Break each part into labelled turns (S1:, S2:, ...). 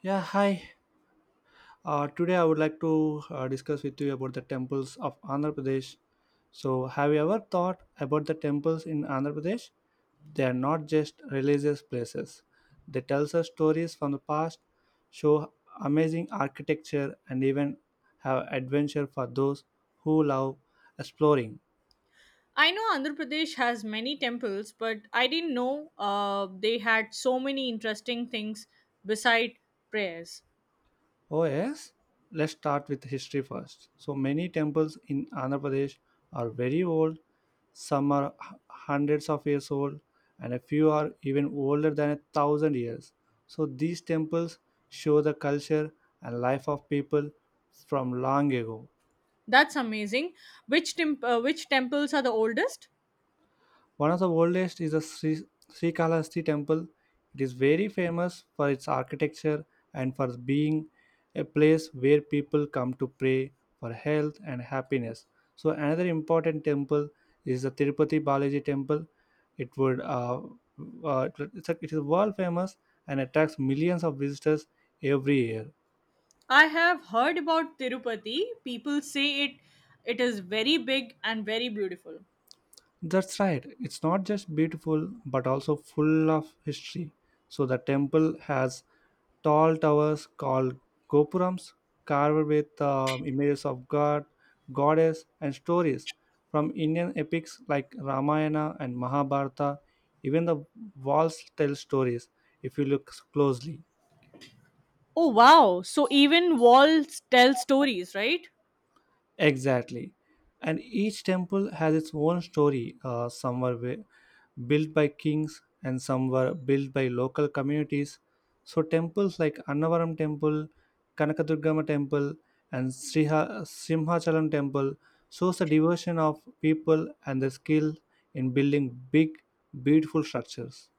S1: Yeah, hi. Today I would like to discuss with you about the temples of Andhra Pradesh. So, have you ever thought about the temples in Andhra Pradesh? They are not just religious places. They tell us stories from the past, show amazing architecture, and even have adventure for those who love exploring.
S2: I know Andhra Pradesh has many temples, but I didn't know they had so many interesting things beside prayers.
S1: Oh, yes. Let's start with history first. So, many temples in Andhra Pradesh are very old, some are hundreds of years old, and a few are even older than a thousand years. So, these temples show the culture and life of people from long ago.
S2: That's amazing. Which temples are the oldest?
S1: One of the oldest is the Sri Srikalahasti temple. It is very famous for its architecture and for being a place where people come to pray for health and happiness. So another important temple is the Tirupati Balaji temple. It would uh, it's a, It is world famous and attracts millions of visitors every year.
S2: I have heard about Tirupati. People say it is very big and very beautiful.
S1: That's right. It's not just beautiful, but also full of history. So the temple has tall towers called gopurams, carved with images of god, goddess, and stories from Indian epics like Ramayana and Mahabharata. Even the walls tell stories if you look closely.
S2: Oh wow! So even walls tell stories, right?
S1: Exactly. And each temple has its own story. Some were built by kings and some were built by local communities. So, temples like Annavaram Temple, Kanakadurgama Temple, and Simhachalam Temple shows the devotion of people and the skill in building big, beautiful structures.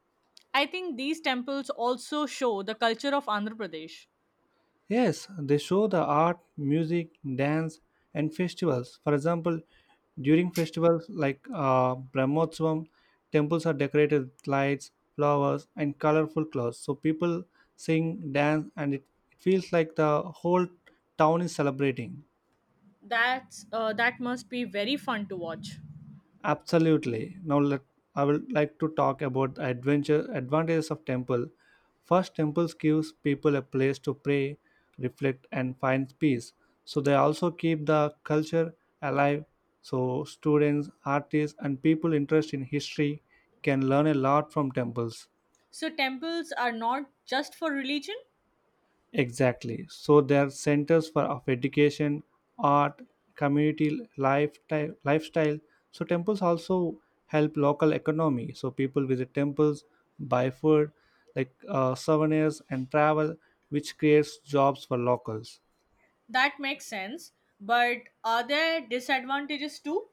S2: I think these temples also show the culture of Andhra Pradesh.
S1: Yes, they show the art, music, dance, and festivals. For example, during festivals like Brahmotsavam, temples are decorated with lights, flowers, and colorful clothes. So people sing, dance, it feels like the whole town is celebrating.
S2: That must be very fun to watch.
S1: Absolutely. Now let I would like to talk about the adventure advantages of temple. First, temples gives people a place to pray, reflect, and find peace. So they also keep the culture alive. So students, artists, and people interested in history can learn a lot from temples.
S2: So temples are not just for religion?
S1: Exactly. So there are centers for of education, art, lifestyle. So temples also help local economy. So people visit temples, buy food, like souvenirs and travel, which creates jobs for locals.
S2: That makes sense. But are there disadvantages too?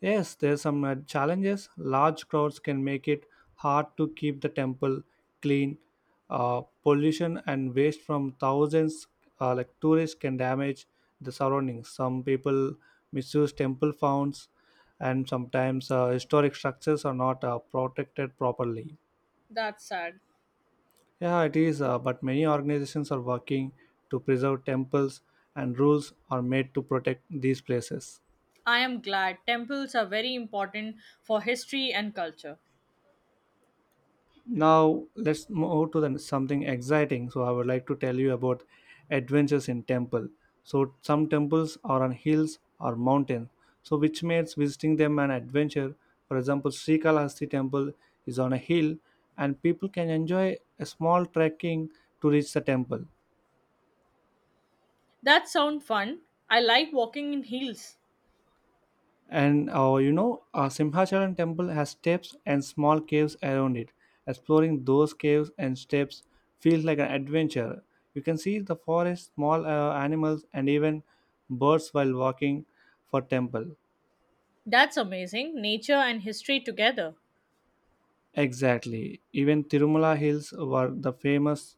S1: Yes, there's some challenges. Large crowds can make it hard to keep the temple clean. Pollution and waste from thousands, like tourists, can damage the surroundings. Some people misuse temple founds, and sometimes historic structures are not protected properly.
S2: That's sad.
S1: Yeah, it is. But many organizations are working to preserve temples, and rules are made to protect these places.
S2: I am glad temples are very important for history and culture.
S1: Now let's move to the, something exciting. So I would like to tell you about adventures in temple. So some temples are on hills or mountains, so which makes visiting them an adventure. For example, Srikalahasti temple is on a hill, and people can enjoy a small trekking to reach the temple.
S2: That sounds fun. I like walking in heels.
S1: And you know, Simhachalam temple has steps and small caves around it. Exploring those caves and steps feels like an adventure. You can see the forest, small animals, and even birds while walking for temple.
S2: That's amazing. Nature and history together.
S1: Exactly. Even Tirumala Hills, where the famous,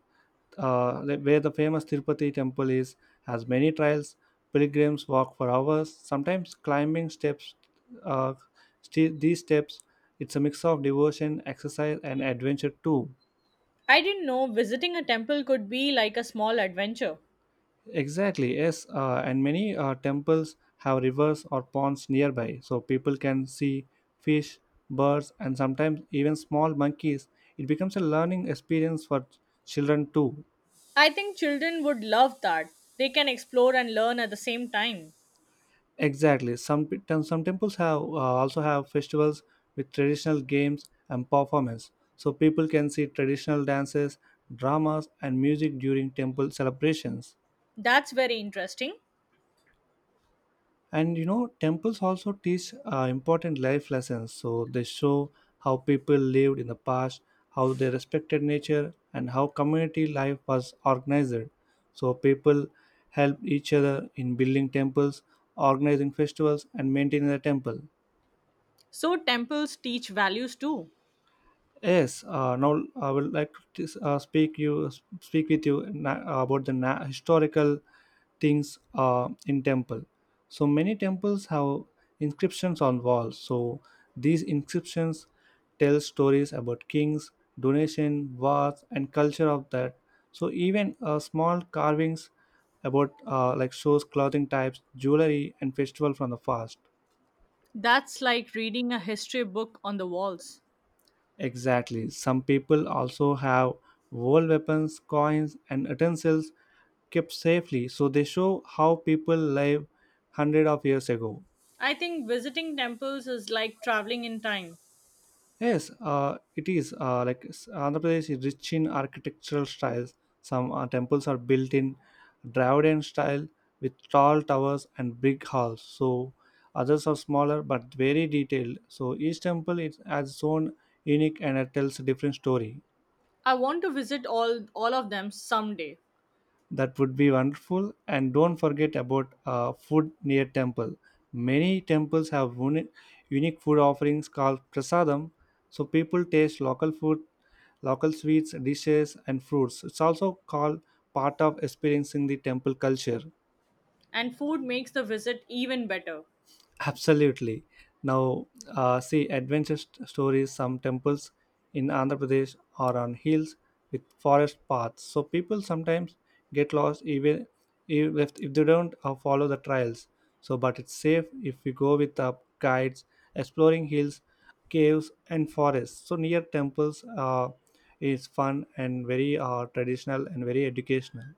S1: uh, like where the famous Tirupati temple is, has many trails. Pilgrims walk for hours, sometimes climbing steps. Uh, these steps, it's a mix of devotion, exercise, and adventure too.
S2: I didn't know visiting a temple could be like a small adventure.
S1: Exactly. Yes. And many temples have rivers or ponds nearby, so people can see fish, birds, and sometimes even small monkeys. It becomes a learning experience for children too.
S2: I think children would love that. They can explore and learn at the same time.
S1: Exactly. Some temples have also have festivals with traditional games and performance, so people can see traditional dances, dramas, and music during temple celebrations.
S2: That's very interesting.
S1: And you know, temples also teach important life lessons. So they show how people lived in the past, how they respected nature, and how community life was organized. So people help each other in building temples, organizing festivals, and maintaining the temple.
S2: So temples teach values too.
S1: Yes, now I would like to speak with you about the historical things in temple. So many temples have inscriptions on walls. So these inscriptions tell stories about kings, donation, wars, and culture of that. So even small carvings about like shows clothing types, jewelry, and festival from the past.
S2: That's like reading a history book on the walls.
S1: Exactly. Some people also have world weapons, coins, and utensils kept safely, so they show how people live hundred of years ago.
S2: I think visiting temples is like traveling in time.
S1: Yes, it is Andhra Pradesh is rich in architectural styles. Some temples are built in Dravidian style with tall towers and big halls. So others are smaller but very detailed. So each temple is has its own unique and it tells a different story.
S2: I want to visit all of them someday,
S1: That would be wonderful, and don't forget about food near temple. Many temples have unique food offerings called prasadam, so people taste local food, local sweets, dishes, and fruits. It's also called part of experiencing the temple culture.
S2: and food makes the visit even better.
S1: Absolutely. Now, see adventure stories. Some temples in Andhra Pradesh are on hills with forest paths, so people sometimes get lost even if they don't follow the trails. So, but it's safe if we go with guides exploring hills, caves, and forests. So, near temples is fun and very traditional and very educational.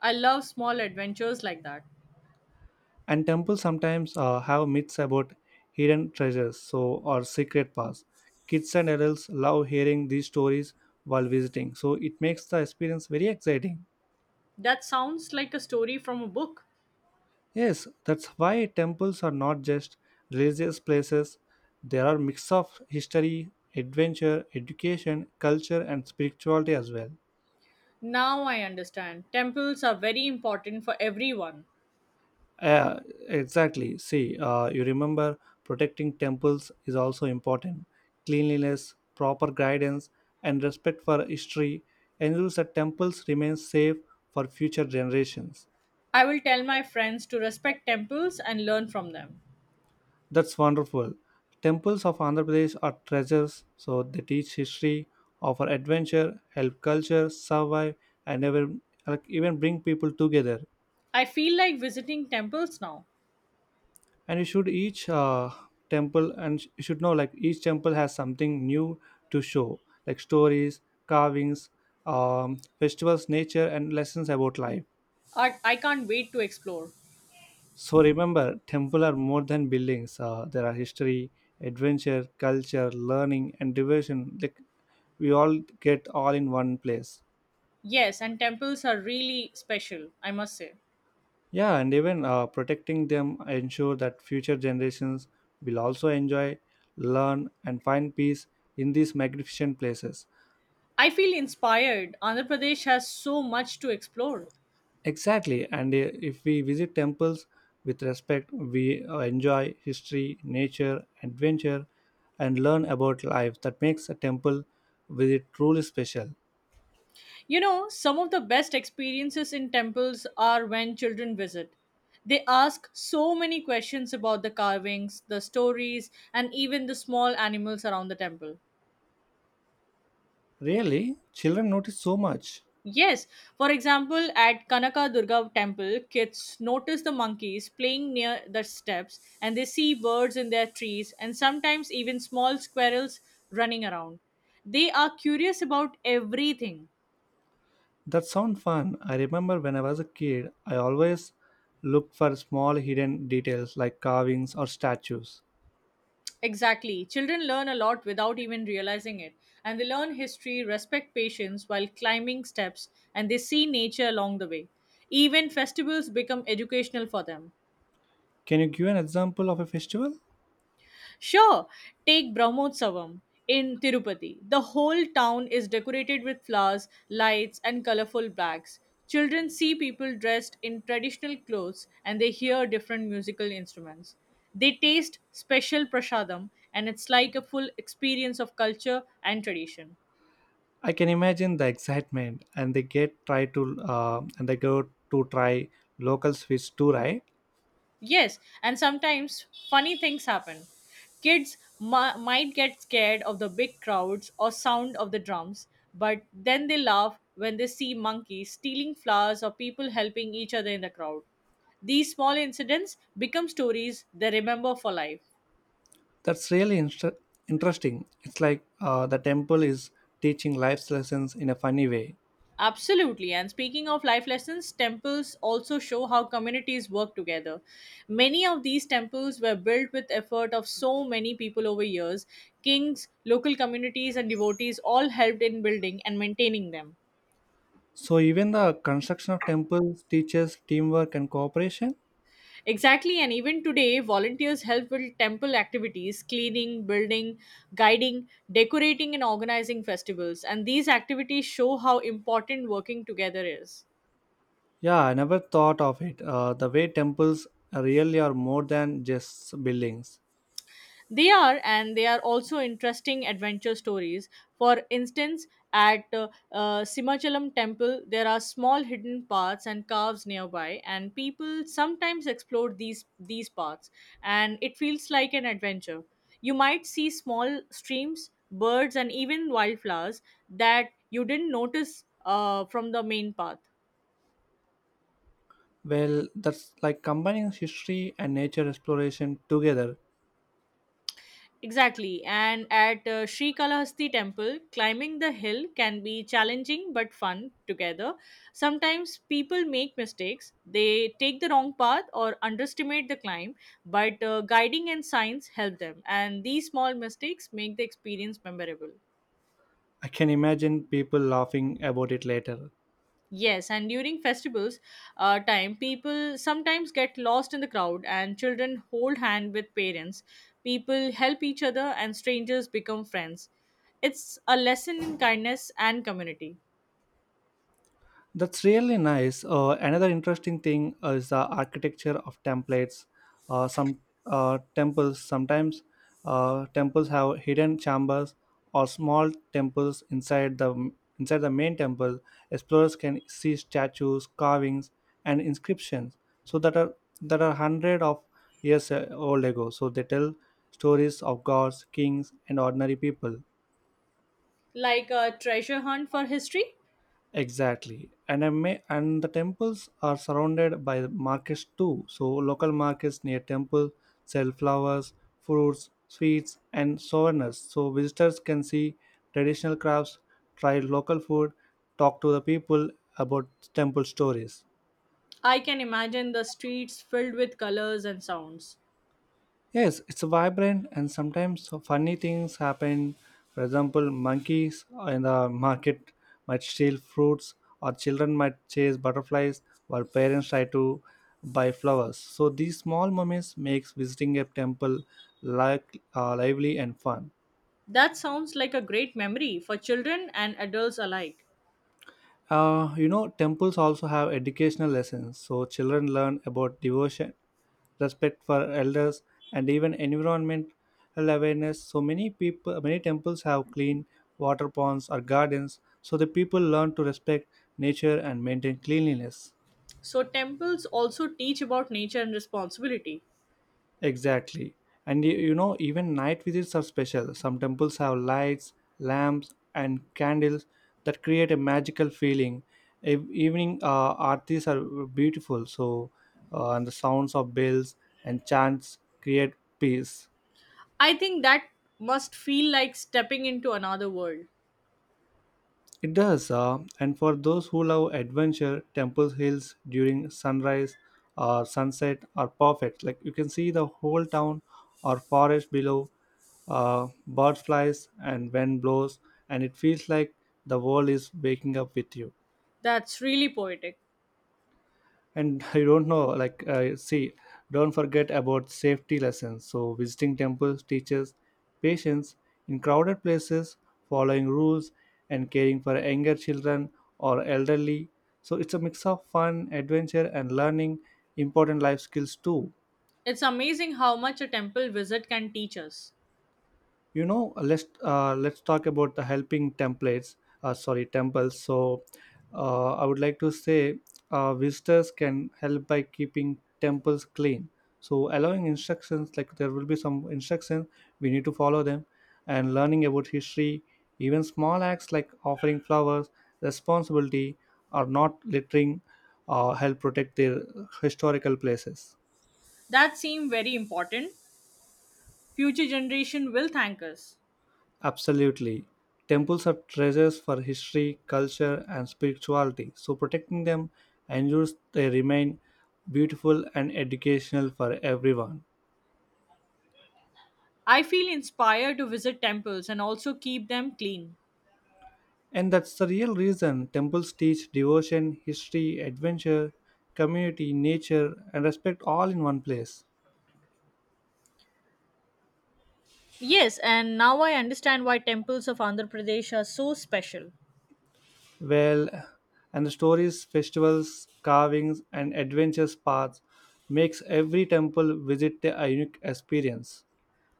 S2: I love small adventures like that.
S1: And temples sometimes have myths about hidden treasures, so or secret paths. Kids and adults love hearing these stories while visiting, so it makes the experience very exciting.
S2: That sounds like a story from a book.
S1: Yes, that's why temples are not just religious places. There are mix of history, adventure, education, culture, and spirituality as well.
S2: Now I understand. Temples are very important for everyone.
S1: Yeah, exactly. See, you remember protecting temples is also important. Cleanliness, proper guidance, and respect for history ensures that temples remain safe for future generations.
S2: I will tell my friends to respect temples and learn from them.
S1: That's wonderful. Temples of Andhra Pradesh are treasures, so they teach history, offer adventure, help culture survive, and even, like, even bring people together.
S2: I feel like visiting temples now.
S1: And you should each temple, and you should know, like, each temple has something new to show, like stories, carvings, festivals, nature, and lessons about life.
S2: I can't wait to explore.
S1: So remember, temple are more than buildings. There are history, adventure, culture, learning, and diversion, like we all get all in one place.
S2: Yes, and temples are really special, I must say.
S1: Yeah, and even protecting them ensure that future generations will also enjoy, learn, and find peace in these magnificent places.
S2: I feel inspired. Andhra Pradesh has so much to explore.
S1: Exactly, and if we visit temples with respect, we enjoy history, nature, adventure, and learn about life. That makes a temple visit truly special.
S2: You know, some of the best experiences in temples are when children visit. They ask so many questions about the carvings, the stories, and even the small animals around the temple.
S1: Really, children notice so much.
S2: Yes, for example, at Kanaka Durga temple, kids notice the monkeys playing near the steps and they see birds in their trees and sometimes even small squirrels running around. They are curious about everything.
S1: That sounds fun. I remember when I was a kid, I always looked for small hidden details like carvings or statues.
S2: Exactly. Children learn a lot without even realizing it. And they learn history, respect patience while climbing steps, and they see nature along the way. Even festivals become educational for them.
S1: Can you give an example of a festival?
S2: Sure, take Brahmotsavam in Tirupati. The whole town is decorated with flowers, lights, and colorful bags. Children see people dressed in traditional clothes and they hear different musical instruments. They taste special prashadam, and it's like a full experience of culture and tradition.
S1: I can imagine the excitement, and they get try to and they go to try local sweets too, right?
S2: Yes, and sometimes funny things happen. Might get scared of the big crowds or sound of the drums, but then they laugh when they see monkeys stealing flowers or people helping each other in the crowd. These small incidents become stories they remember for life.
S1: That's really interesting. It's like the temple is teaching life's lessons in a funny way.
S2: Absolutely. And speaking of life lessons, temples also show how communities work together. Many of these temples were built with effort of so many people over years. Kings, local communities and devotees all helped in building and maintaining them.
S1: So even the construction of temples teaches teamwork and cooperation.
S2: Exactly, and even today, volunteers help with temple activities, cleaning, building, guiding, decorating, and organizing festivals. And these activities show how important working together is.
S1: Yeah, I never thought of it. The way temples really are more than just buildings.
S2: They are, and they are also interesting adventure stories. For instance, at Simachalam temple, there are small hidden paths and caves nearby, and people sometimes explore these paths, and it feels like an adventure. You might see small streams, birds, and even wildflowers that you didn't notice from the main path.
S1: Well, that's like combining history and nature exploration together.
S2: Exactly. And at Sri Kalahasti temple, climbing the hill can be challenging but fun together. Sometimes people make mistakes. They take the wrong path or underestimate the climb, but guiding and signs help them. And these small mistakes make the experience memorable.
S1: I can imagine people laughing about it later.
S2: Yes, and during festivals time, people sometimes get lost in the crowd, and children hold hand with parents. People help each other, and strangers become friends. It's a lesson in kindness and community,
S1: That's really nice. Another interesting thing is the architecture of templates. Some temples, sometimes Temples have hidden chambers or small temples inside the main temple. Explorers can see statues, carvings, and inscriptions. So that are that are hundred of years old ago. So they tell stories of gods, kings, and ordinary people.
S2: like a treasure hunt for history.
S1: Exactly, and I may and the temples are surrounded by markets too. So local markets near temple sell flowers, fruits, sweets, and souvenirs. So visitors can see traditional crafts, try local food, talk to the people about temple stories.
S2: I can imagine the streets filled with colors and sounds.
S1: Yes, it's vibrant, and sometimes so funny things happen. For example, monkeys in the market might steal fruits, or children might chase butterflies while parents try to buy flowers. So these small moments makes visiting a temple like lively and fun.
S2: That sounds like a great memory for children and adults alike.
S1: You know, temples also have educational lessons, so children learn about devotion, respect for elders, and even environmental awareness. So many people, many temples have clean water ponds or gardens, so the people learn to respect nature and maintain cleanliness.
S2: So temples also teach about nature and responsibility.
S1: Exactly. And you know, even night visits are special. Some temples have lights, lamps, and candles that create a magical feeling. Evening aartis are beautiful, so, and the sounds of bells and chants create peace.
S2: I think that must feel like stepping into another world.
S1: It does, and for those who love adventure, Temple Hills during sunrise or sunset are perfect. Like you can see the whole town or forest below, bird flies and wind blows, and it feels like the world is waking up with you
S2: That's really poetic.
S1: and I don't know, like, see, don't forget about safety lessons. So visiting temples teaches patience in crowded places, following rules, and caring for younger children or elderly. So it's a mix of fun, adventure, and learning important life skills too.
S2: It's amazing how much a temple visit can teach us.
S1: you know let's let's talk about the helping templates, sorry, temples. So, I would like to say, visitors can help by keeping temples clean, so allowing instructions, like there will be some instructions we need to follow them, and learning about history. Even small acts like offering flowers, responsibility, or not littering, help protect their historical places.
S2: That seems very important. Future generation will thank us.
S1: Absolutely. Temples are treasures for history, culture, and spirituality, so protecting them ensures they remain beautiful and educational for everyone.
S2: I feel inspired to visit temples and also keep them clean.
S1: And that's the real reason temples teach devotion, history, adventure, community, nature, and respect all in one place.
S2: Yes, and now I understand why temples of Andhra Pradesh are so special.
S1: Well, and the stories, festivals, carvings, and adventure paths makes every temple visit a unique experience.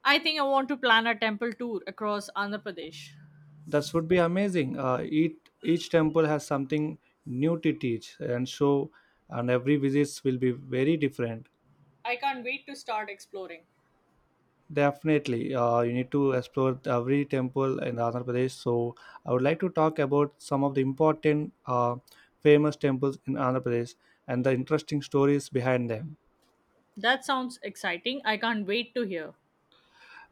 S2: I think I want to plan a temple tour across Andhra Pradesh.
S1: That would be amazing. Each temple has something new to teach and show, and every visit will be very different.
S2: I can't wait to start exploring.
S1: Definitely, you need to explore every temple in Andhra Pradesh. So I would like to talk about some of the important, famous temples in Andhra Pradesh and the interesting stories behind them.
S2: That sounds exciting. I can't wait to hear.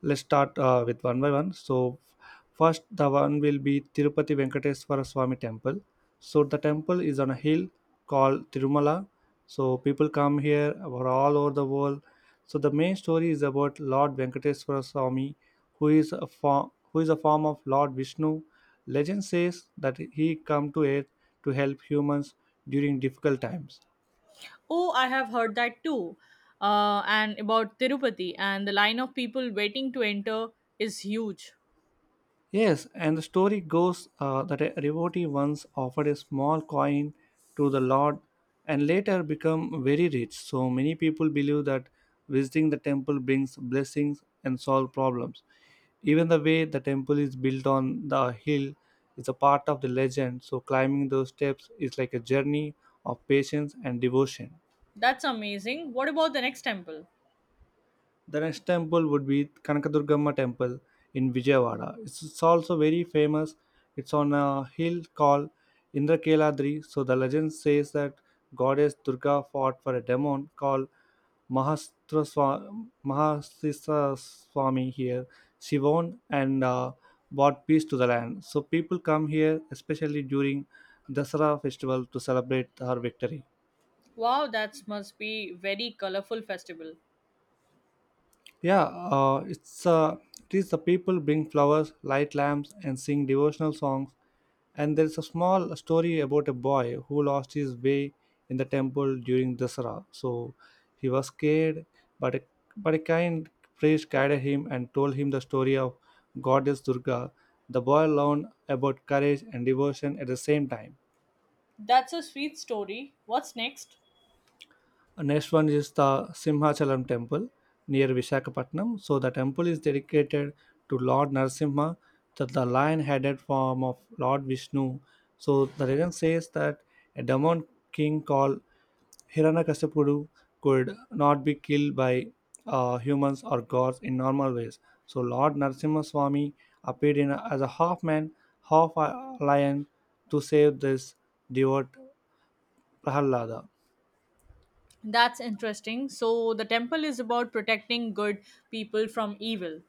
S1: Let's start, with one by one. So first, the one will be Tirupati Venkateswara Swami Temple. So the temple is on a hill called Tirumala. So people come here from all over the world. So the main story is about Lord Venkateswara Swami, who is a form of Lord Vishnu. Legend says that he come to earth to help humans during difficult times.
S2: Oh, I have heard that too. And about Tirupati, and the line of people waiting to enter is huge.
S1: Yes, and the story goes, that a devotee once offered a small coin to the Lord and later become very rich. So many people believe that visiting the temple brings blessings and solve problems. Even the way the temple is built on the hill is a part of the legend. So climbing those steps is like a journey of patience and devotion.
S2: That's amazing. What about the next temple?
S1: The next temple would be Kanakadurgamma temple in Vijayawada. It's also very famous. It's on a hill called Indrakeladri. So the legend says that goddess Durga fought for a demon called Mahastra Swami here. She won and brought peace to the land. So people come here, especially during Dasara festival, to celebrate her victory.
S2: Wow, that must be very colorful festival.
S1: Yeah, it is the people bring flowers, light lamps, and sing devotional songs. And there is a small story about a boy who lost his way in the temple during Dasara. So he was scared, but a, but a kind priest guided him and told him the story of goddess Durga. The boy learned about courage and devotion at the same time.
S2: That's a sweet story. What's next?
S1: Next one is the Simhachalam temple near Visakhapatnam. So the temple is dedicated to Lord Narasimha, the lion-headed form of Lord Vishnu. So the legend says that a demon king called Hiranyakashipu could not be killed by humans or gods in normal ways. So Lord Narasimha Swami appeared as a half man, half lion to save this devout Prahalada.
S2: That's interesting. So the temple is about protecting good people from evil.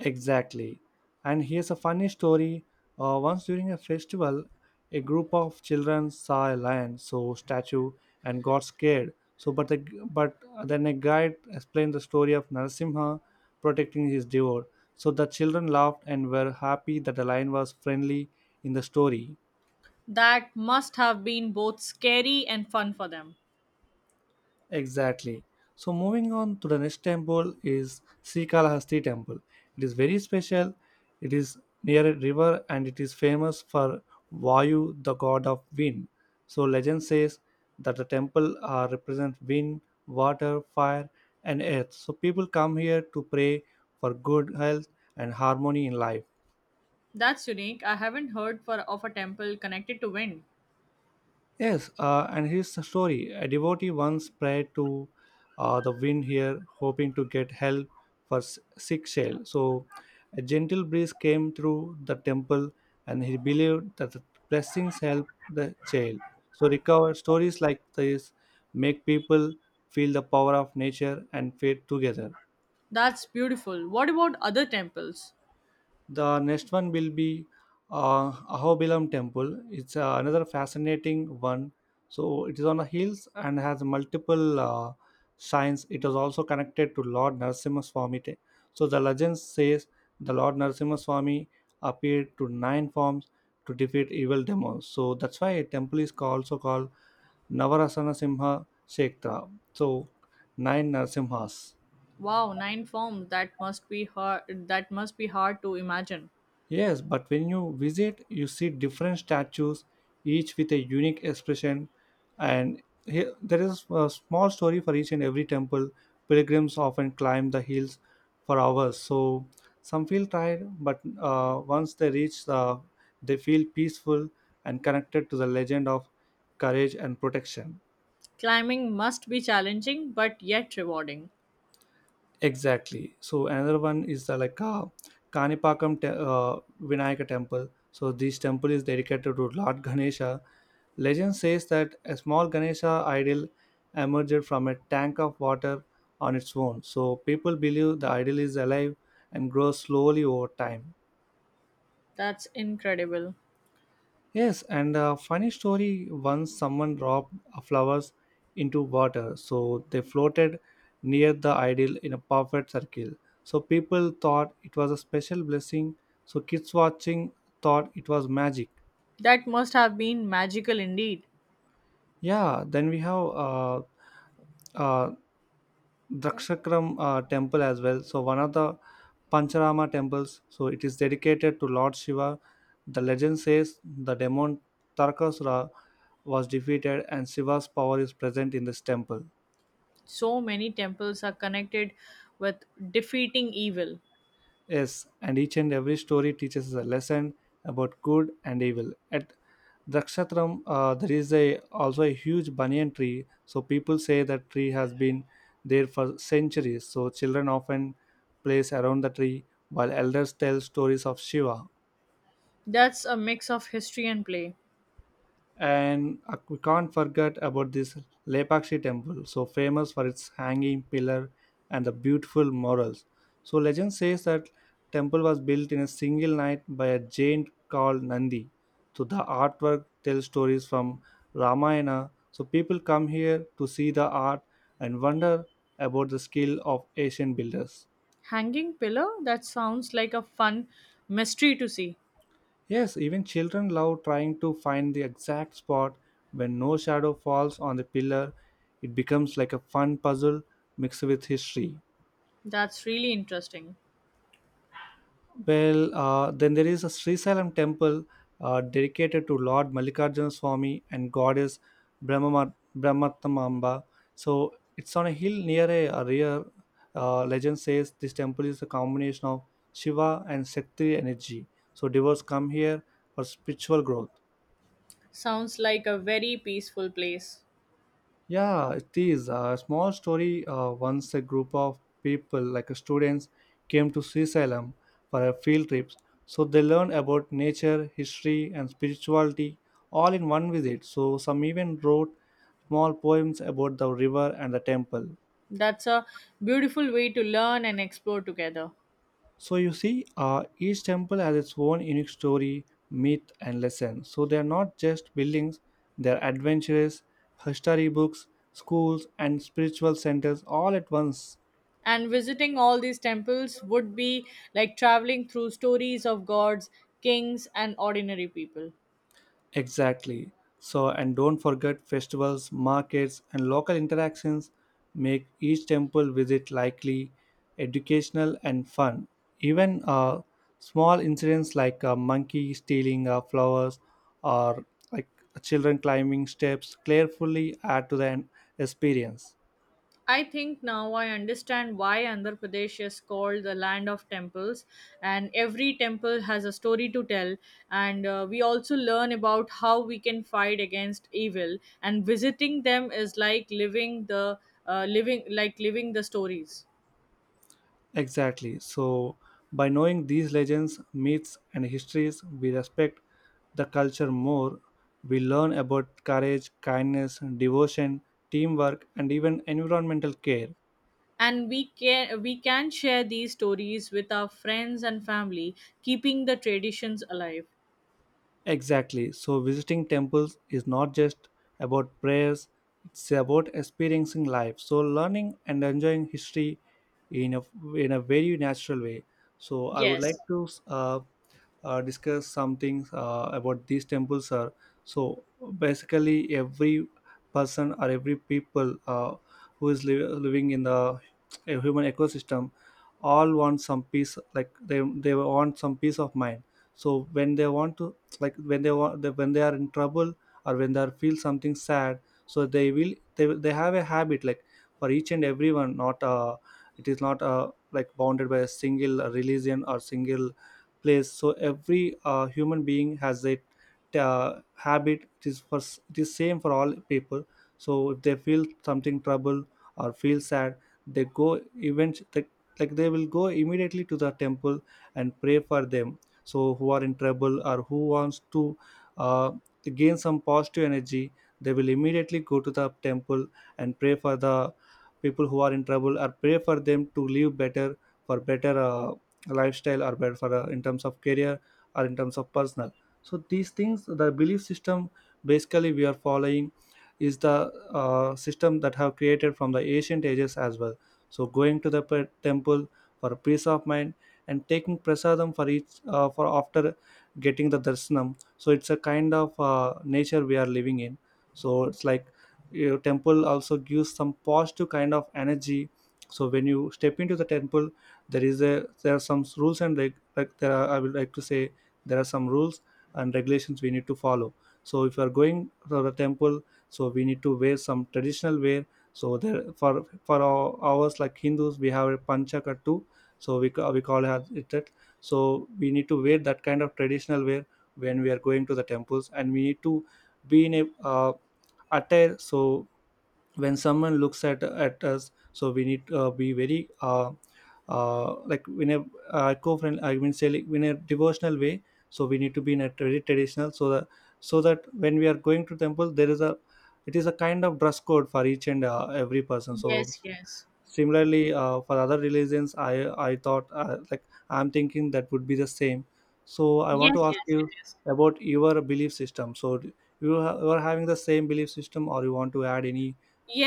S1: Exactly. And here's a funny story. Once during a festival, a group of children saw a lion, so statue, and got scared. So, but then a guide explained the story of Narasimha protecting his devote. So the children laughed and were happy that the lion was friendly in the story.
S2: That must have been both scary and fun for them.
S1: Exactly. So moving on to the next temple is Srikalahasti temple. It is very special. It is near a river and it is famous for Vayu, the god of wind. So legend says that the temple represents wind, water, fire, and earth. So people come here to pray for good health and harmony in life.
S2: That's unique. I haven't heard for of a temple connected to wind.
S1: Yes, and here's the story. A devotee once prayed to, the wind here, hoping to get help for sick shell. So, a gentle breeze came through the temple, and he believed that the blessings help the child. So, recover stories like this make people feel the power of nature and faith together.
S2: That's beautiful. What about other temples?
S1: The next one will be Ahobilam Temple. It's another fascinating one. So it is on the hills and has multiple shrines. It is also connected to Lord Narasimhaswamy. So the legend says the Lord Narasimhaswamy appeared to nine forms to defeat evil demons. So that's why a temple is called, also called Navarasana Simha Shekhtra. So nine Narasimhas.
S2: Wow, nine forms. That must be hard. That must be hard to imagine.
S1: Yes, but when you visit, you see different statues, each with a unique expression. And here, there is a small story for each and every temple. Pilgrims often climb the hills for hours. So some feel tired, but once they reach, they feel peaceful and connected to the legend of courage and protection.
S2: Climbing must be challenging, but yet rewarding.
S1: Exactly. So another one is, the like, Kanipakam Vinayaka Temple. So this temple is dedicated to Lord Ganesha. Legend says that a small Ganesha idol emerged from a tank of water on its own. So people believe the idol is alive and grows slowly over time.
S2: That's incredible.
S1: Yes, and a funny story, once someone dropped flowers into water, so they floated near the idol in a perfect circle. So people thought it was a special blessing, so kids watching thought it was magic.
S2: That must have been magical indeed.
S1: Yeah, then we have uh, uh, Drakshakram temple as well, so one of the Pancharama temples. So it is dedicated to Lord Shiva. The legend says the demon Tarkasura was defeated and Shiva's power is present in this temple.
S2: So many temples are connected with defeating evil.
S1: Yes, and each and every story teaches us a lesson about good and evil. At Drakshatram, there is a also a huge banyan tree. So people say that tree has been there for centuries. So children often plays around the tree, while elders tell stories of Shiva.
S2: That's a mix of history and play.
S1: And we can't forget about this Lepakshi temple, so famous for its hanging pillar and the beautiful murals. So legend says that temple was built in a single night by a giant called Nandi. So the artwork tells stories from Ramayana. So people come here to see the art and wonder about the skill of ancient builders.
S2: Hanging pillar? That sounds like a fun mystery to see.
S1: Yes, even children love trying to find the exact spot when no shadow falls on the pillar. It becomes like a fun puzzle mixed with history.
S2: That's really interesting.
S1: Well, then there is a Sri Srisalam temple dedicated to Lord Mallikarjuna Swami and goddess Brahmatamamba. So it's on a hill near a rear. Legend says this temple is a combination of Shiva and Shakti energy. So devotees come here for spiritual growth.
S2: Sounds like a very peaceful place.
S1: Yeah, it is a small story. Once a group of people, like students, came to Sri Salem for a field trip. So they learned about nature, history, and spirituality all in one visit. So some even wrote small poems about the river and the temple.
S2: That's a beautiful way to learn and explore together.
S1: So you see, each temple has its own unique story, myth, and lesson. So they are not just buildings; they are adventures, history books, schools, and spiritual centers all at once.
S2: And visiting all these temples would be like traveling through stories of gods, kings, and ordinary people.
S1: Exactly. So, and don't forget festivals, markets, and local interactions make each temple visit likely, educational, and fun. Even small incidents like a monkey stealing flowers, or like children climbing steps carefully, add to the experience.
S2: I think now I understand why Andhra Pradesh is called the land of temples, and every temple has a story to tell. And we also learn about how we can fight against evil, and visiting them is like living the living the stories.
S1: Exactly. So, by knowing these legends, myths, and histories, we respect the culture more. We learn about courage, kindness, devotion, teamwork, and even environmental care.
S2: And we can, we can share these stories with our friends and family, keeping the traditions alive.
S1: Exactly. So, visiting temples is not just about prayers, it's about experiencing life. So, learning and enjoying history in a, in a very natural way. So, I would like
S2: Yes,
S1: to, discuss some things about these temples, sir. So basically, every person or every people, who is living in the a human ecosystem, all want some peace. Like they want some peace of mind. So when they want to, like, when they want they, when they are in trouble, or when they are feel something sad, so they have a habit, like, for each and everyone. Not, it is not like bounded by a single religion or single place. So every human being has a habit. It is for it is same for all people. So if they feel something trouble or feel sad, they go event, like they will go immediately to the temple and pray for them. So who are in trouble or who wants to uh, gain some positive energy, they will immediately go to the temple and pray for the people who are in trouble, or pray for them to live better, for better lifestyle, or better, for in terms of career or in terms of personal. So these things, the belief system basically we are following, is the system that have created from the ancient ages as well. So going to the temple for peace of mind, and taking prasadam for each, for after getting the darshanam. So it's a kind of nature we are living in. So it's like your temple also gives some positive kind of energy. So when you step into the temple, there is a there are some rules and reg. Like there are, I would like to say, there are some rules and regulations we need to follow. So if you are going to the temple, so we need to wear some traditional wear. So there, for ours, like Hindus, we have a panchaka too. So we call it that. So we need to wear that kind of traditional wear when we are going to the temples, and we need to be in a, attire. So when someone looks at us, so we need to be very like in a, eco-friendly, I mean say, like in a devotional way. So we need to be in a very traditional, so that when we are going to temple, there is a it is a kind of dress code for each and every person, so.
S2: yes, yes,
S1: Similarly, for other religions, I thought, like, I'm thinking that would be the same. So I want
S2: yes,
S1: to ask
S2: yes
S1: you
S2: it is.
S1: about your belief system. So, you are having the same belief system, or you want to add any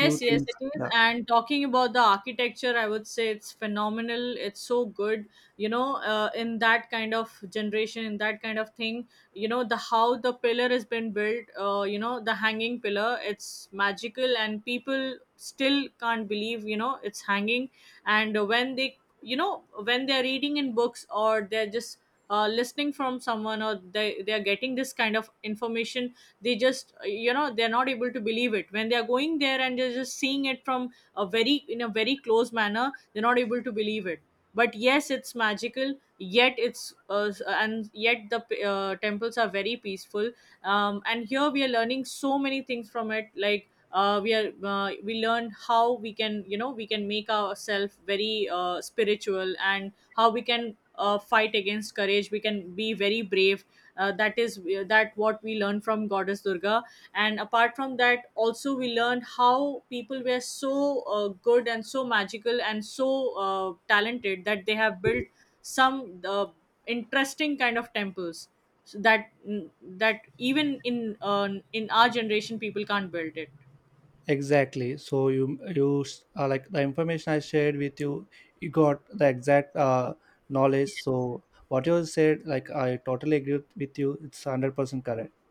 S1: few
S2: yes,
S1: things?
S2: it is.
S1: Yeah,
S2: And talking about the architecture, I would say it's phenomenal. It's so good, you know, in that kind of generation, in that kind of thing, you know, the how the pillar has been built, you know, the hanging pillar, it's magical, and people still can't believe, you know, it's hanging. And when they, you know, when they're reading in books or they're just listening from someone or they are getting this kind of information, they just you know, they're not able to believe it when they are going there and they're just seeing it from a very close manner, they're not able to believe it. But yes, it's magical, yet it's s- and yet the temples are very peaceful. And here we are learning so many things from it, like we learn how we can, you know, we can make ourselves very spiritual, and how we can fight against courage, we can be very brave. That what we learn from goddess Durga. And apart from that, also we learn how people were so good and so magical and so talented that they have built some interesting kind of temples, so that that even in our generation people can't build it.
S1: exactly. So, you like the information I shared with you, you got the exact knowledge. So what you said, like I totally agree with you. It's 100% correct.